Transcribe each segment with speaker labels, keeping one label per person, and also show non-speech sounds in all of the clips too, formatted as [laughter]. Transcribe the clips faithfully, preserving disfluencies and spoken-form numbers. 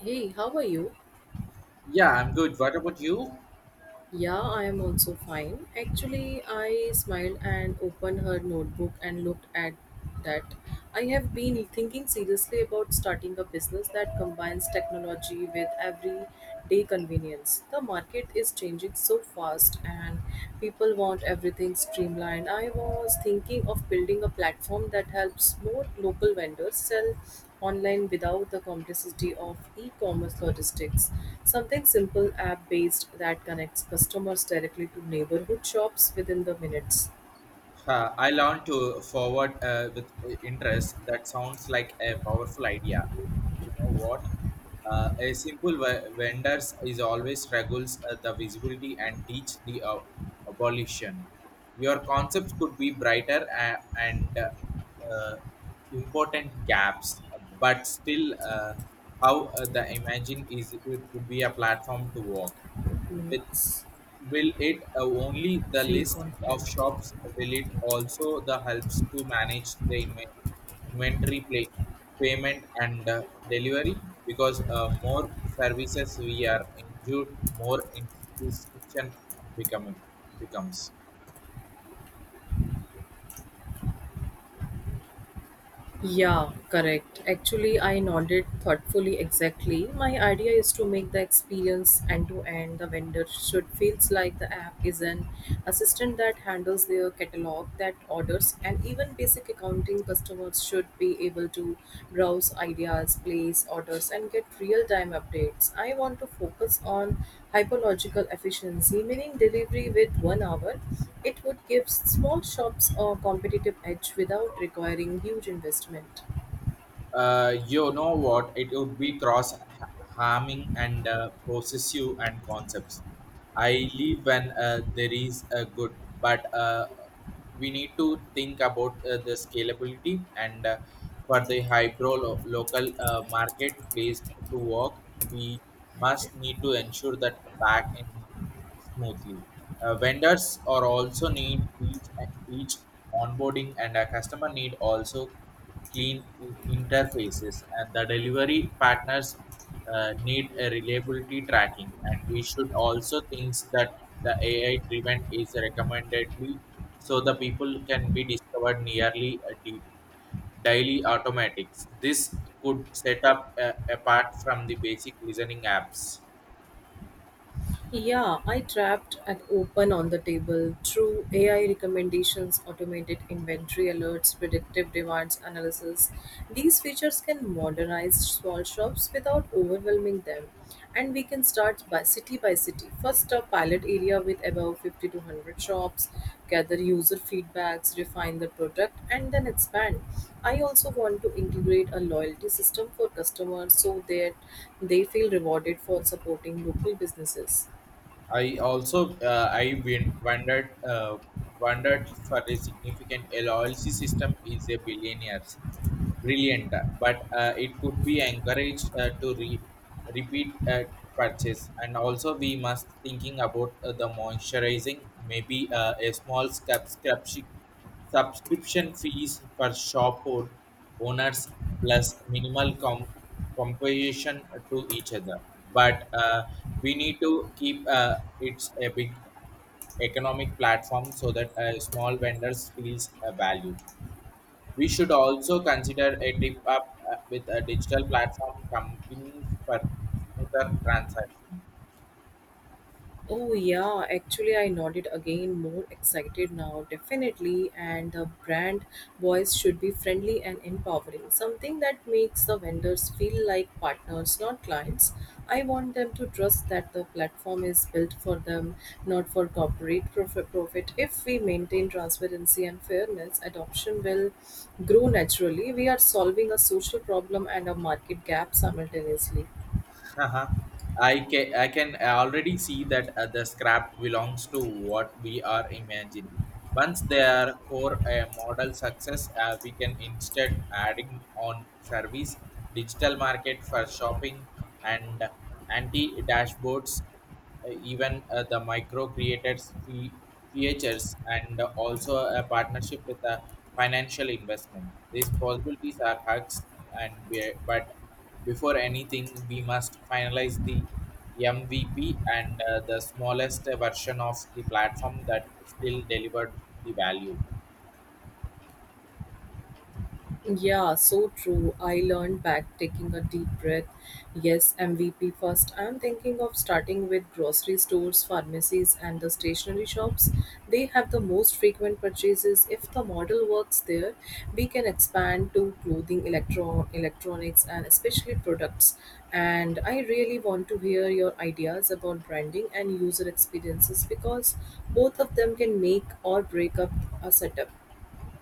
Speaker 1: Hey, how are you?
Speaker 2: Yeah, I'm good. What about you?
Speaker 1: Yeah, I am also fine. Actually, I smiled and opened her notebook and looked at that. I have been thinking seriously about starting a business that combines technology with everyday convenience. The market is changing so fast, and people want everything streamlined. I was thinking of building a platform that helps more local vendors sell online without the complexity of e commerce logistics. Something simple, app based, that connects customers directly to neighborhood shops within the minutes.
Speaker 2: Uh, I learned to forward uh, with uh, interest. That sounds like a powerful idea. You know what? Uh, a simple v- vendors is always struggles uh, the visibility and teach the uh, abolition. Your concepts could be brighter uh, and uh, uh, important gaps, but still, uh, how uh, the imagine is it would be a platform to work
Speaker 1: It
Speaker 2: with.
Speaker 1: makes
Speaker 2: Will it uh, only the
Speaker 1: feel
Speaker 2: list of
Speaker 1: confident.
Speaker 2: shops? Will it also the helps to manage the inven- inventory play, payment and uh, delivery? Because uh, more services we are injured, more inscription becoming becomes.
Speaker 1: Yeah, correct. Actually, I nodded thoughtfully exactly. My idea is to make the experience end to end. The vendor should feels like the app is an assistant that handles their catalog, that orders, and even basic accounting customers should be able to browse ideas, place orders, and get real-time updates. I want to focus on hyperlogical efficiency, meaning delivery with one hour it would give small shops a competitive edge without requiring huge investment.
Speaker 2: Uh, you know what? It would be cross harming and uh, possessive and concepts. I leave when uh, there is a good, but uh, we need to think about uh, the scalability and uh, for the hybrid lo- local uh, marketplace to work. We must need to ensure that back in smoothly. Uh, vendors are also need each each onboarding and a customer need also clean in- interfaces and the delivery partners uh, need a reliability tracking, and we should also think that the A I driven is recommendedly so the people can be discovered nearly a deep daily automatics. This could set up uh, apart from the basic listening apps.
Speaker 1: Yeah, I trapped at open on the table through A I recommendations, automated inventory alerts, predictive demands analysis. These features can modernize small shops without overwhelming them. And we can start by city by city. First, a pilot area with about fifty to one hundred shops, gather user feedbacks, refine the product, and then expand. I also want to integrate a loyalty system for customers so that they feel rewarded for supporting local businesses.
Speaker 2: I also uh, I win- wondered uh, wondered for a significant L L C system is a billionaires brilliant, but uh, it could be encouraged uh, to re- repeat uh, purchase. And also, we must thinking about uh, the moisturizing, maybe uh, a small subscription subscription fees for shop or owners plus minimal com- compensation to each other. But uh, we need to keep uh, it's a big economic platform so that uh, small vendors feels a value. We should also consider a tip up uh, with a digital platform companies for smoother transaction.
Speaker 1: Oh, yeah, actually, I nodded again, more excited now, definitely. And the brand voice should be friendly and empowering, something that makes the vendors feel like partners, not clients. I want them to trust that the platform is built for them, not for corporate prof- profit. If we maintain transparency and fairness, adoption will grow naturally. We are solving a social problem and a market gap simultaneously.
Speaker 2: [laughs] Haha. I can I can already see that uh, the scrap belongs to what we are imagining. Once they are core a model success, uh, we can instead adding on service, digital market for shopping, and anti dashboards uh, even uh, the micro creators fee- features and also a partnership with a financial investment. These possibilities are hugs and we, but before anything we must finalize the mvp and uh, the smallest version of the platform that still delivered the value.
Speaker 1: Yeah, so true. I learned back taking a deep breath. Yes, M V P first. I'm thinking of starting with grocery stores, pharmacies, and the stationery shops. They have the most frequent purchases. If the model works there, we can expand to clothing, electro- electronics, and especially products. And I really want to hear your ideas about branding and user experiences because both of them can make or break up a setup.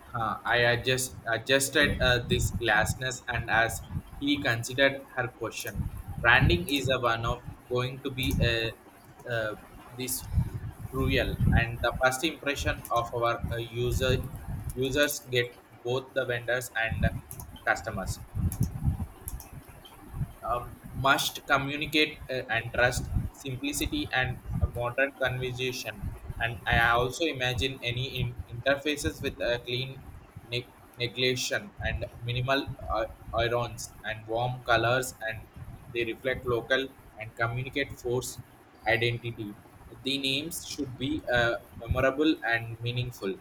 Speaker 2: Huh, I adjust, adjusted uh, this glassness, and as he considered her question, branding is a one of going to be a, uh, this cruel, and the first impression of our uh, user users get both the vendors and customers um, must communicate uh, and trust simplicity and a modern conversation. And I also imagine any in- interfaces with a clean ne- neglection and minimal uh, irons and warm colors and they reflect local and communicate force identity. The names should be uh, memorable and meaningful,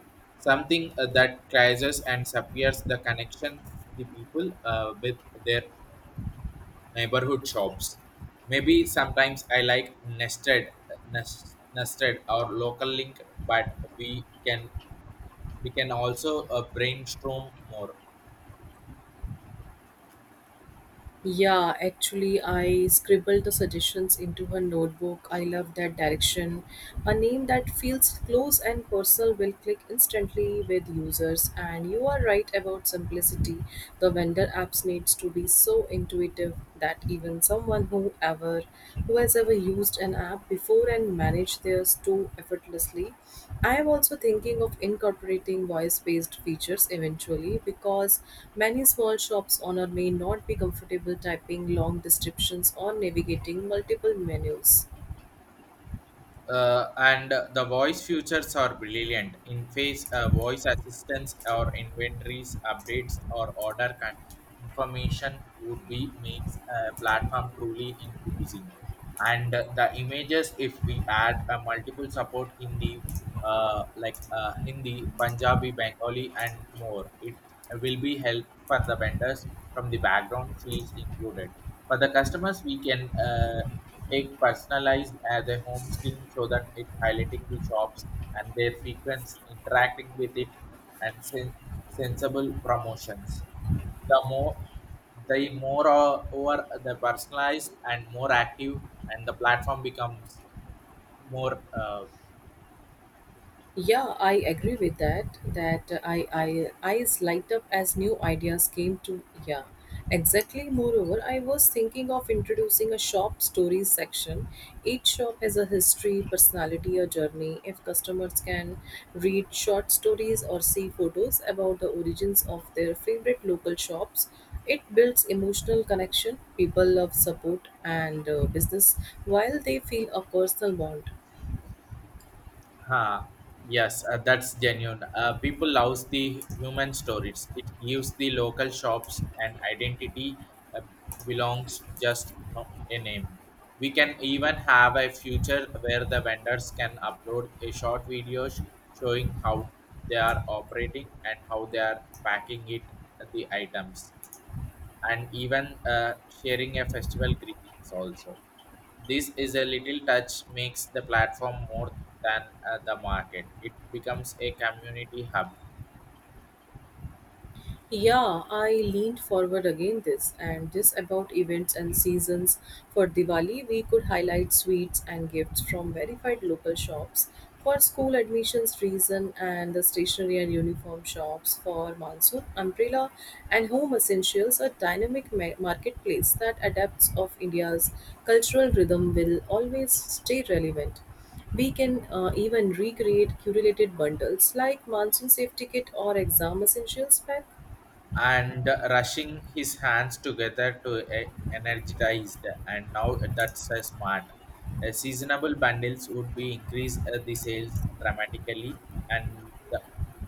Speaker 2: something uh, that treasures and suppliers the connections the people uh, with their neighborhood shops. Maybe sometimes I like nested, nes- nested or local link, but we can we can also uh, brainstorm more.
Speaker 1: Yeah, actually, I scribbled the suggestions into her notebook. I love that direction. A name that feels close and personal will click instantly with users. And you are right about simplicity. The vendor apps needs to be so intuitive that even someone who ever who has ever used an app before and managed theirs too effortlessly. I am also thinking of incorporating voice-based features eventually because many small shops owner may not be comfortable typing long descriptions or navigating multiple menus.
Speaker 2: Uh, and the voice features are brilliant. In face uh, voice assistance or inventories updates or order con- information would be makes a platform truly inclusive. And uh, the images, if we add uh, multiple support in the uh, like uh, Hindi, Punjabi, Bengali, and more, it will be help for the vendors from the background fields included. For the customers, we can. Uh, Take personalized as a home screen so that it highlighting the shops and their frequency interacting with it and sen- sensible promotions. The more the more uh, over the personalized and more active and the platform becomes more uh,
Speaker 1: Yeah, I agree with that. That uh, I I eyes light up as new ideas came to yeah. Exactly. Moreover, I was thinking of introducing a shop stories section. Each shop has a history, personality, or journey. If customers can read short stories or see photos about the origins of their favorite local shops, it builds emotional connection. People love support and uh, business while they feel a personal bond.
Speaker 2: Huh. Yes, uh, that's genuine. Uh, people love the human stories. It gives the local shops an identity uh, belongs just not a name. We can even have a future where the vendors can upload a short videos showing how they are operating and how they are packing it the items and even uh, sharing a festival greetings also. This is a little touch makes the platform more than uh, the market. It becomes a community hub
Speaker 1: Yeah, I leaned forward again this and this about events and seasons. For Diwali, we could highlight sweets and gifts from verified local shops. For school admissions reason and the stationery and uniform shops for monsoon, umbrella and home essentials, a dynamic ma- marketplace that adapts of India's cultural rhythm will always stay relevant. We can uh, even recreate curated bundles like monsoon safety kit or exam essentials pack.
Speaker 2: and rushing his hands together to e- energize the and now that's a smart. Uh, seasonable bundles would be increase uh, the sales dramatically and the,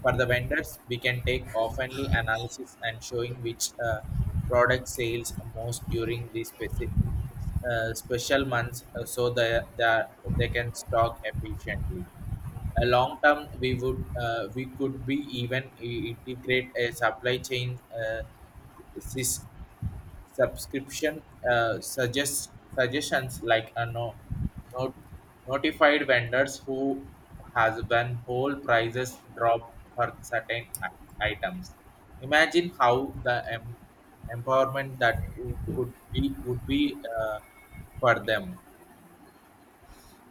Speaker 2: for the vendors we can take oftenly analysis and showing which uh, product sales most during the specific uh, special months uh, so they they, they can stock efficiently a long term we would uh, we could be even i- integrate a supply chain uh, sys- subscription uh, suggest suggestions like a no, not notified vendors who has when whole prices drop for certain i- items. Imagine how the em- empowerment that w- could be would be uh, for them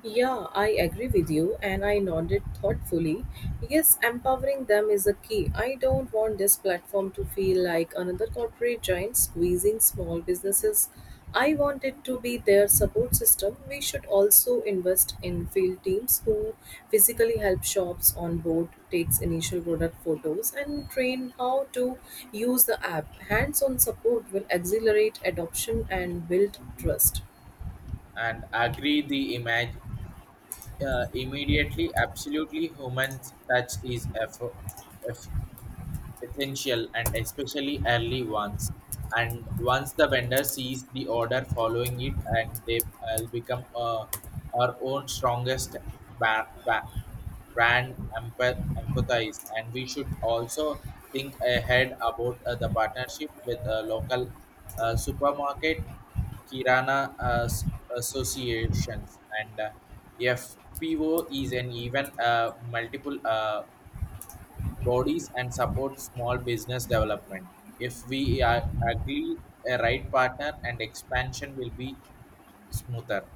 Speaker 1: Yeah, I agree with you, and I nodded thoughtfully. Yes, empowering them is a key. I don't want this platform to feel like another corporate giant squeezing small businesses. I want it to be their support system. We should also invest in field teams who physically help shops on board, takes initial product photos, and train how to use the app. Hands-on support will accelerate adoption and build trust.
Speaker 2: and agree the image uh, immediately absolutely human touch is eff- eff- essential and especially early ones. And once the vendor sees the order following it, and they will become uh, our own strongest ba- ba- brand empath- empathize. And we should also think ahead about uh, the partnership with a local uh, supermarket, Kirana uh, s- associations, and uh, F P O is an even uh, multiple. Uh, bodies and support small business development. If we are agree a right partner and expansion will be smoother.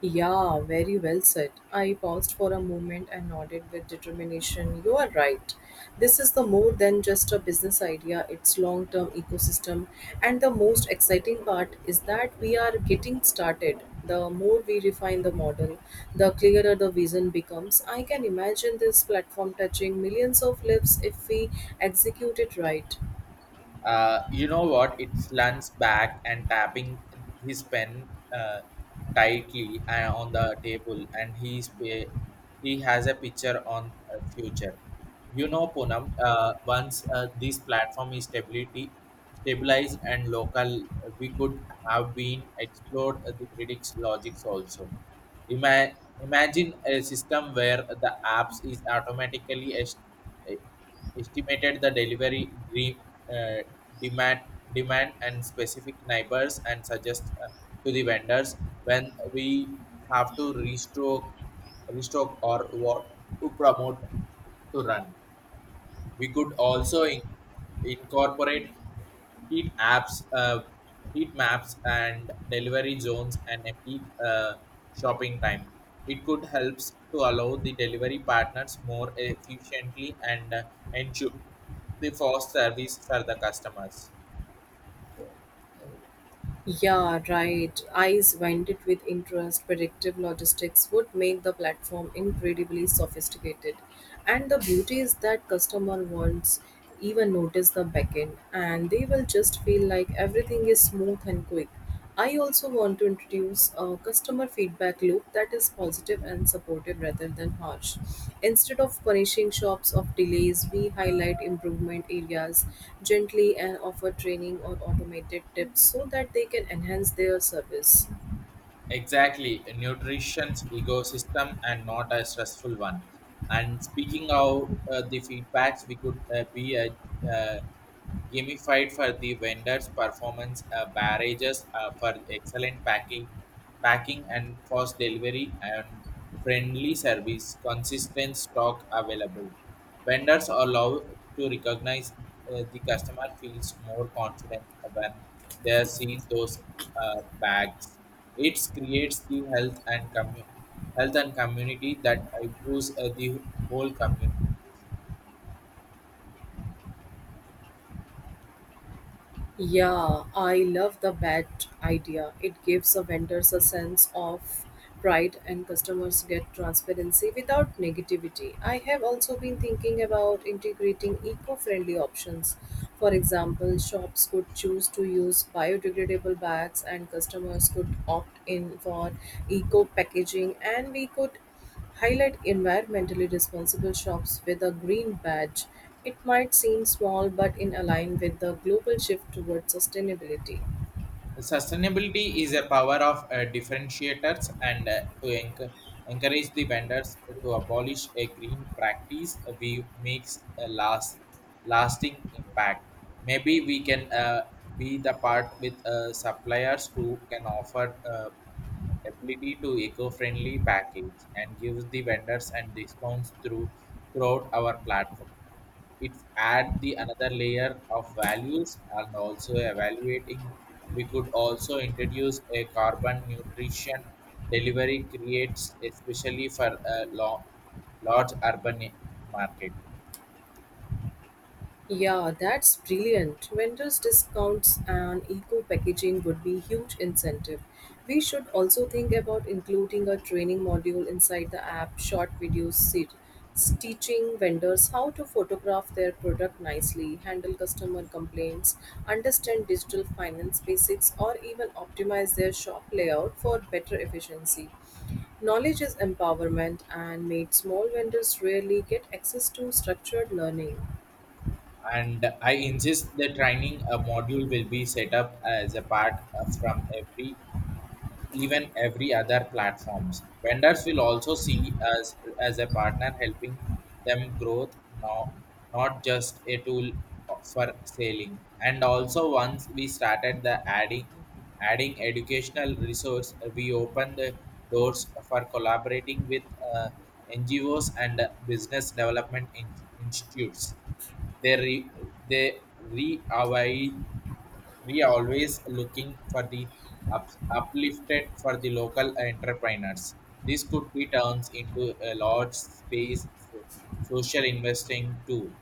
Speaker 1: Yeah, very well said. I paused for a moment and nodded with determination. You are right. This is the more than just a business idea, it's long term ecosystem. And the most exciting part is that we are getting started. The more we refine the model, the clearer the vision becomes. I can imagine this platform touching millions of lives if we execute it right.
Speaker 2: uh, You know what it slants back and tapping his pen uh, tightly uh, on the table and he's pa- he has a picture on uh, future, you know Poonam. Uh, once uh, this platform is stability stabilized and local uh, we could have been explored uh, the predicts logics also. Ima- Imagine a system where the apps is automatically est- estimated the delivery de- uh, demand demand and specific neighbors and suggest uh, to the vendors when we have to restock restock or what to promote to run we could also in- incorporate heat apps, uh, heat maps, and delivery zones and a peak uh, shopping time. It could helps to allow the delivery partners more efficiently and uh, ensure the fast service for the customers.
Speaker 1: Yeah, right. Eyes winded with interest, predictive logistics would make the platform incredibly sophisticated. And the beauty is that customer won't even notice the backend and they will just feel like everything is smooth and quick. I also want to introduce a customer feedback loop that is positive and supportive rather than harsh. Instead of punishing shops of delays, we highlight improvement areas gently and offer training or automated tips so that they can enhance their service.
Speaker 2: Exactly, a nutrition's ecosystem and not a stressful one. And speaking of uh, the feedbacks, we could uh, be a uh, gamified for the vendors' performance, uh, barrages uh, for excellent packing, packing and fast delivery and friendly service, consistent stock available. Vendors are allowed to recognize uh, the customer feels more confident when they see those uh, bags. It creates the health and commu- health and community that improves uh, the whole community.
Speaker 1: Yeah, I love the badge idea. It gives the vendors a sense of pride and customers get transparency without negativity. I have also been thinking about integrating eco-friendly options. For example, shops could choose to use biodegradable bags and customers could opt in for eco packaging and we could highlight environmentally responsible shops with a green badge. It might seem small, but in align with the global shift towards sustainability.
Speaker 2: Sustainability is a power of uh, differentiators and uh, to enc- encourage the vendors to abolish a green practice uh, we makes a last lasting impact. Maybe we can uh, be the part with uh, suppliers who can offer uh, ability to eco-friendly package and gives the vendors and discounts through throughout our platform. It add the another layer of values and also evaluating we could also introduce a carbon nutrition delivery creates especially for a lo- large urban market.
Speaker 1: Yeah, that's brilliant. Vendors' discounts and eco packaging would be huge incentive. We should also think about including a training module inside the app, short videos se- teaching vendors how to photograph their product nicely, handle customer complaints, understand digital finance basics, or even optimize their shop layout for better efficiency. Knowledge is empowerment, and made small vendors rarely get access to structured learning.
Speaker 2: And I insist the training uh, module will be set up as a part uh, from every even every other platforms. Vendors will also see us as a partner helping them growth, no, not just a tool for selling. And also once we started the adding adding educational resource, we opened the doors for collaborating with uh, N G Os and business development in- institutes. They re, they re We are always looking for the up, uplifted for the local entrepreneurs. This could be turns into a large space for social investing too.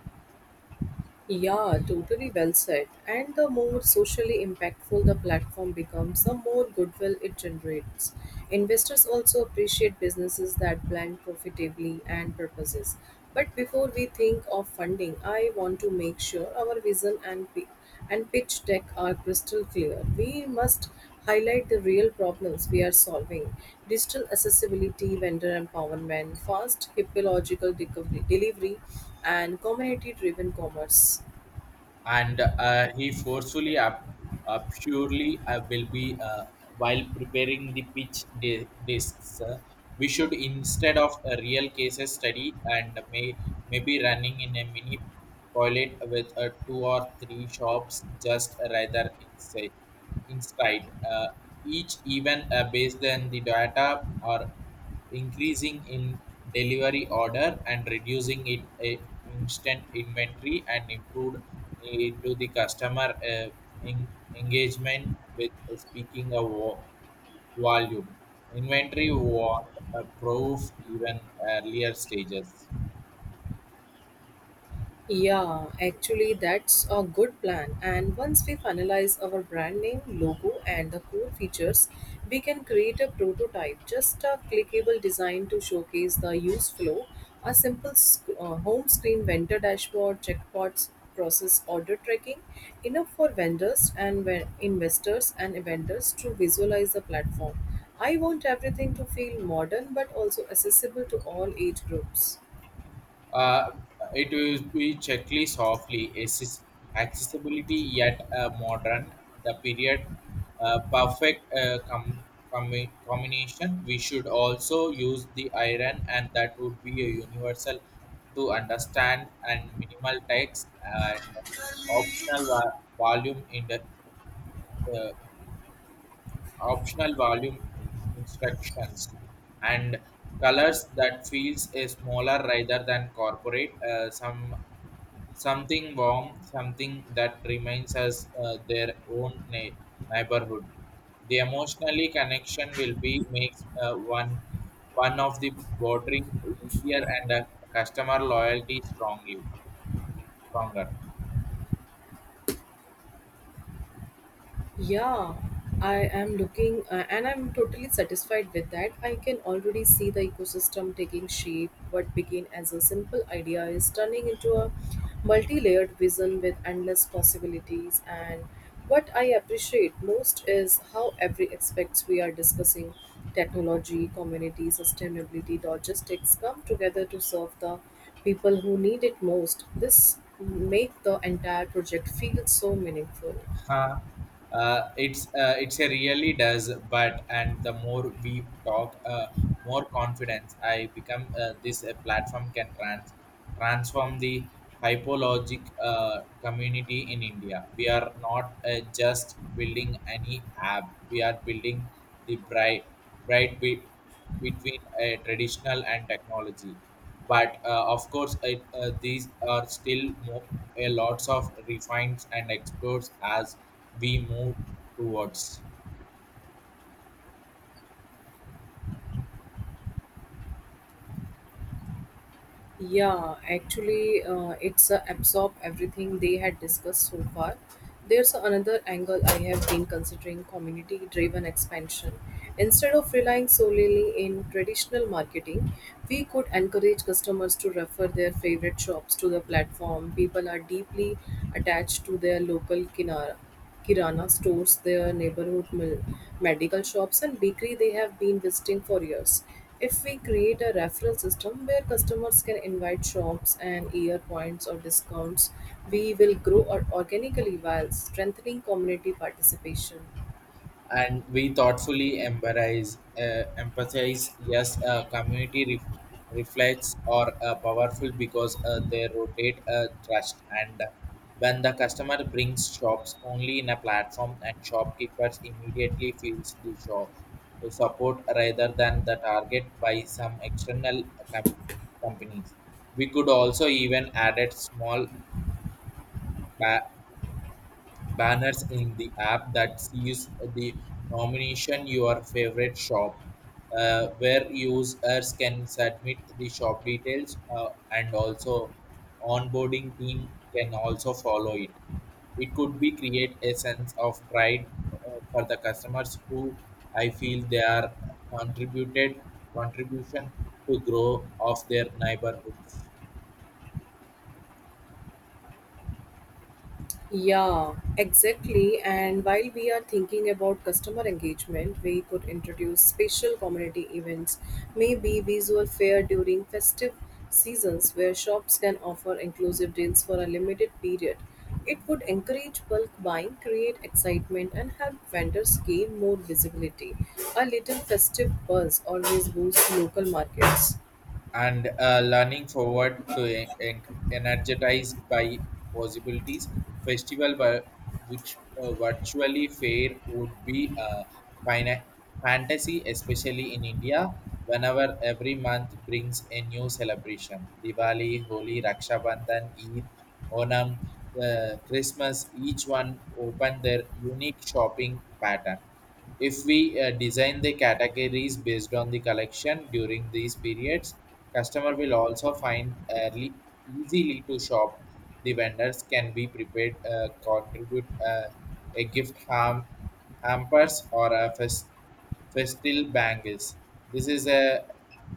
Speaker 1: Yeah, totally well said. And the more socially impactful the platform becomes, the more goodwill it generates. Investors also appreciate businesses that blend profitably and purposes. But before we think of funding, I want to make sure our vision and pi- and pitch deck are crystal clear. We must highlight the real problems we are solving: digital accessibility, vendor empowerment, fast hypological delivery, and community driven commerce.
Speaker 2: And uh, he forcefully up, uh, purely uh, will be uh, while preparing the pitch di- discs. Uh, we should instead of a real cases study and may maybe running in a mini toilet with uh, two or three shops just rather inside inside uh, each even uh, based on the data or increasing in delivery order and reducing it eh, instant inventory and improved eh, to the customer eh, en- engagement with eh, speaking of wo- volume inventory want a proof even earlier stages.
Speaker 1: Yeah, actually, that's a good plan. And once we finalize our brand name, logo, and the core features, we can create a prototype, just a clickable design to showcase the use flow, a simple sc- uh, home screen vendor dashboard, checkpots, process order tracking, enough for vendors and ve- investors and vendors to visualize the platform. I want everything to feel modern but also accessible to all age groups.
Speaker 2: Uh, it will be checklist softly, Assis- accessibility yet uh, modern, the period uh, perfect uh, com- com- combination. We should also use the iron, and that would be a universal to understand and minimal text and optional va- volume in the uh, optional volume instructions and colors that feels a smaller rather than corporate uh, some something warm, something that reminds us uh, their own na- neighborhood. The emotionally connection will be makes uh, one one of the watering easier and uh, customer loyalty strongly stronger.
Speaker 1: Yeah, I am looking uh, and I'm totally satisfied with that. I can already see the ecosystem taking shape. What began as a simple idea is turning into a multi layered vision with endless possibilities. And what I appreciate most is how every aspects we are discussing technology, community, sustainability, logistics come together to serve the people who need it most. This make the entire project feel so meaningful.
Speaker 2: Huh. Uh, it's uh, it's a really does, but and the more we talk, uh, more confidence I become. Uh, this uh, platform can trans transform the hypologic uh, community in India. We are not uh, just building any app; we are building the bright bright bit between a traditional and technology. But uh, of course it, uh, these are still mo- a lots of refines and explores as we move towards.
Speaker 1: Yeah, actually, uh, it's uh, absorb everything they had discussed so far. There's another angle I have been considering community driven expansion. Instead of relying solely in traditional marketing, we could encourage customers to refer their favorite shops to the platform. People are deeply attached to their local kinara kirana stores, their neighborhood mil- medical shops, and bakery they have been visiting for years. If we create a referral system where customers can invite shops and year points or discounts, we will grow or- organically while strengthening community participation.
Speaker 2: And we thoughtfully emphasize uh, empathize. Yes, uh, community ref reflects are uh, powerful because uh, they rotate uh, trust. And when the customer brings shops only in a platform, and shopkeepers immediately feels the shop support rather than the target by some external com- companies. We could also even add a small ba- banners in the app that sees the nomination your favorite shop, uh, where users can submit the shop details, uh, and also onboarding team can also follow it. It could be create a sense of pride uh, for the customers who I feel they are contributed contribution to grow of their neighborhoods,
Speaker 1: Yeah, exactly. And while we are thinking about customer engagement, we could introduce special community events, maybe visual fair during festive seasons where shops can offer inclusive deals for a limited period. It would encourage bulk buying, create excitement, and help vendors gain more visibility. A little festive buzz always boosts local markets.
Speaker 2: and uh, learning forward to en- en- energized by possibilities. Festival were, which uh, virtually fair would be a fina- fantasy, especially in India, whenever every month brings a new celebration. Diwali, Holi, Raksha Bandhan, Eid, Onam, uh, Christmas, each one open their unique shopping pattern. If we uh, design the categories based on the collection during these periods, customer will also find early easily to shop. The vendors can be prepared, uh, contribute, uh, a gift ham, hampers or a fest, festal bangles. This is a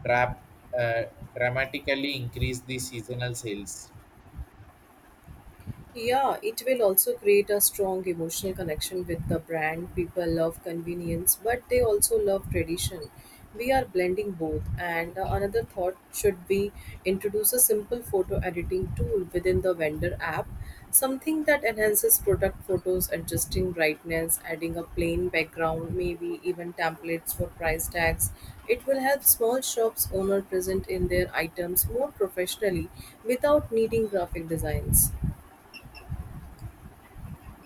Speaker 2: drap, uh, dramatically increase the seasonal sales.
Speaker 1: Yeah, it will also create a strong emotional connection with the brand. People love convenience, but they also love tradition. We are blending both, and uh, another thought should be introduce a simple photo editing tool within the vendor app, something that enhances product photos, adjusting brightness, adding a plain background, maybe even templates for price tags. It will help small shops owner present in their items more professionally without needing graphic designs.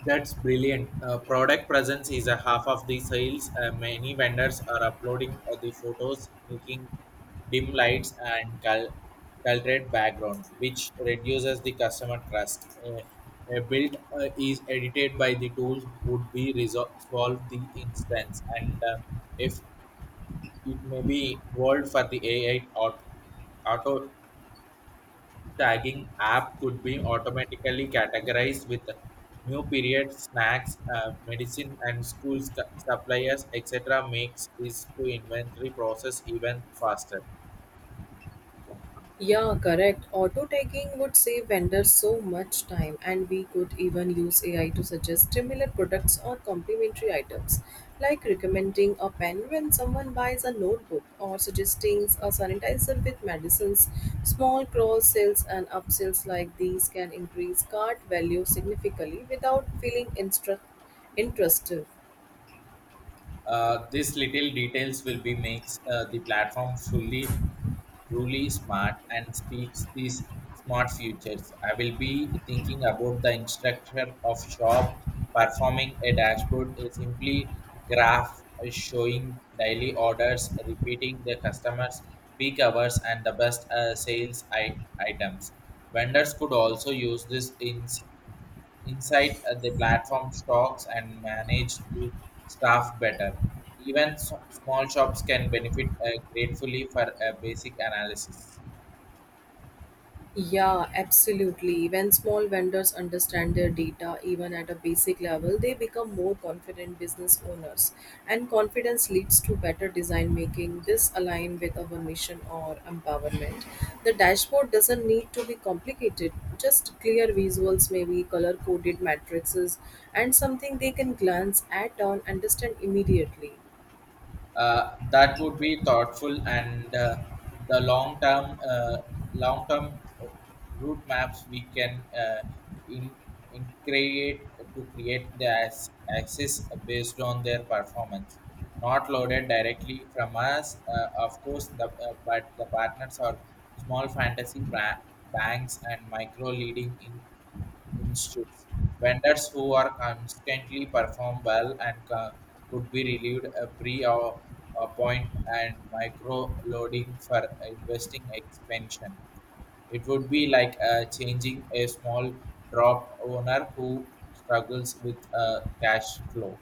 Speaker 2: That's brilliant. Uh, product presence is a half of the sales. Uh, many vendors are uploading uh, the photos, making dim lights and cal- colored background, which reduces the customer trust. Uh, a build, uh, is edited by the tool would be resolve solve the instance, and uh, if it may be involved for the A I aut- auto auto tagging app could be automatically categorized with new period snacks, uh, medicine and school sc- suppliers, etc, makes is to inventory process even faster.
Speaker 1: Yeah, correct. Auto tagging would save vendors so much time, and we could even use A I to suggest similar products or complementary items, like recommending a pen when someone buys a notebook or suggesting a sanitizer with medicines. Small cross sales and upsells like these can increase cart value significantly without feeling instru- intrusive.
Speaker 2: Uh, these little details will be makes uh, the platform fully truly smart and speaks these smart futures. I will be thinking about the instructor of shop performing a dashboard is simply graph showing daily orders, repeating the customers' peak hours and the best uh, sales I- items. Vendors could also use this in inside uh, the platform stocks and manage the staff better. Even so, small shops can benefit uh, gratefully for a basic analysis.
Speaker 1: Yeah, absolutely. When small vendors understand their data, even at a basic level, they become more confident business owners. And confidence leads to better design making. This align with our mission or empowerment. The dashboard doesn't need to be complicated. Just clear visuals, maybe color coded matrices, and something they can glance at and understand immediately.
Speaker 2: Uh, that would be thoughtful, and uh, the long term uh, long term route maps we can, uh, in, in create to create the ac- access based on their performance, not loaded directly from us. Uh, of course the uh, but the partners are small fantasy bra- banks and micro leading in institutes. Vendors who are constantly perform well and co- could be relieved a pre or a point and micro loading for investing expansion. It would be like uh, changing a small drop owner who struggles with uh, cash flow.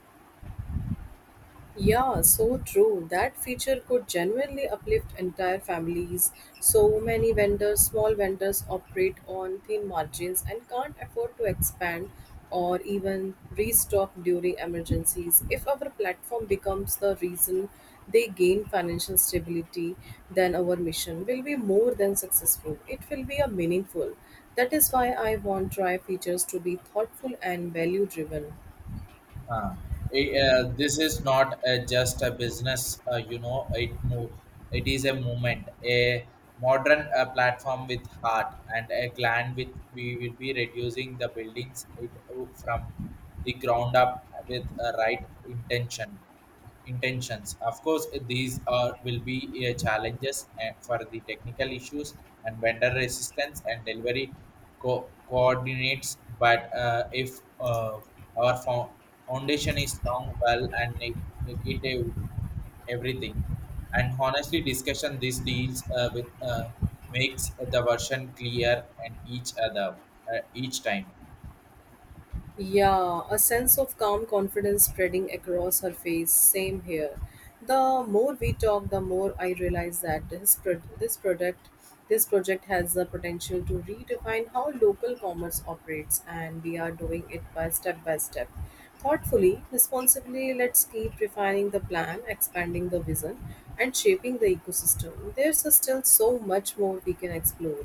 Speaker 1: Yeah, so true. That feature could genuinely uplift entire families. So many vendors, small vendors, operate on thin margins and can't afford to expand or even restock during emergencies. If our platform becomes the reason they gain financial stability, then our mission will be more than successful. It will be a meaningful. That is why I want try features to be thoughtful and value driven.
Speaker 2: Uh, it, uh, this is not uh, just a business, uh, you know, it move, it is a movement, a modern uh, platform with heart and a gland with we will be reducing the buildings it, uh, from the ground up with a right intention intentions. Of course, these are will be uh, challenges uh, for the technical issues and vendor resistance and delivery co- coordinates. But uh, if uh, our fo- foundation is strong, well, and ne- negative everything, and honestly discussion these deals uh, with uh, makes the version clear and each other uh, each time.
Speaker 1: Yeah, a sense of calm confidence spreading across her face. Same here. The more we talk, the more I realize that this pro- this product, this project has the potential to redefine how local commerce operates, and we are doing it by step by step, thoughtfully, responsibly. Let's keep refining the plan, expanding the vision, and shaping the ecosystem. There's still so much more we can explore.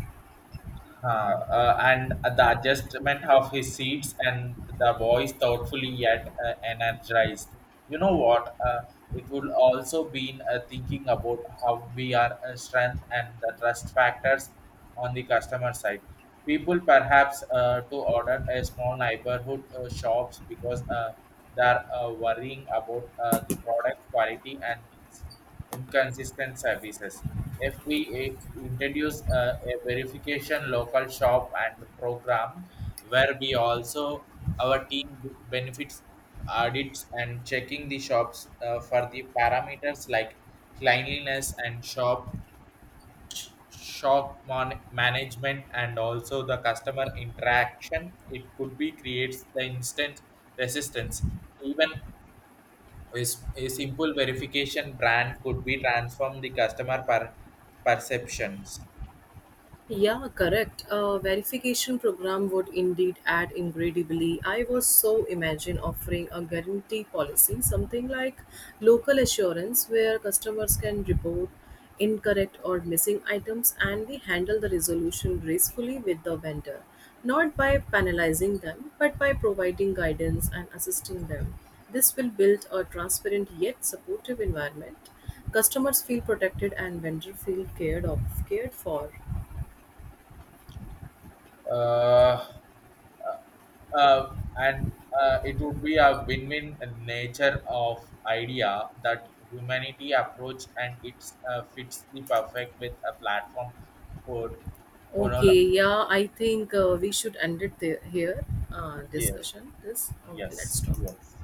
Speaker 2: Huh, uh, and the adjustment of his seats and the voice thoughtfully yet uh, energized. You know what? Uh, it would also been uh, thinking about how we are uh, strength and the trust factors on the customer side. People perhaps uh, to order a small neighborhood uh, shops because uh, they are uh, worrying about uh, the product quality and ins- inconsistent services. If we i- introduce a, a verification local shop and program where we also our team b- benefits audits and checking the shops uh, for the parameters like cleanliness and shop shop mon- management and also the customer interaction, it could be creates the instant resistance. Even a, s- a simple verification brand could be transform the customer per, perceptions.
Speaker 1: Yeah, correct. A verification program would indeed add incredibly. I was so imagine offering a guarantee policy, something like local assurance, where customers can report incorrect or missing items and we handle the resolution gracefully with the vendor, not by penalizing them, but by providing guidance and assisting them. This will build a transparent yet supportive environment. Customers feel protected and vendor feel cared of cared for.
Speaker 2: Uh, uh, and uh, it would be a win-win nature of idea that humanity approach, and it uh, fits the perfect with a platform for, for all.
Speaker 1: Okay, yeah, I think uh, we should end it there, here. Uh,
Speaker 2: Yes,
Speaker 1: discussion this. Okay, let's
Speaker 2: yes,
Speaker 1: stop.
Speaker 2: yes.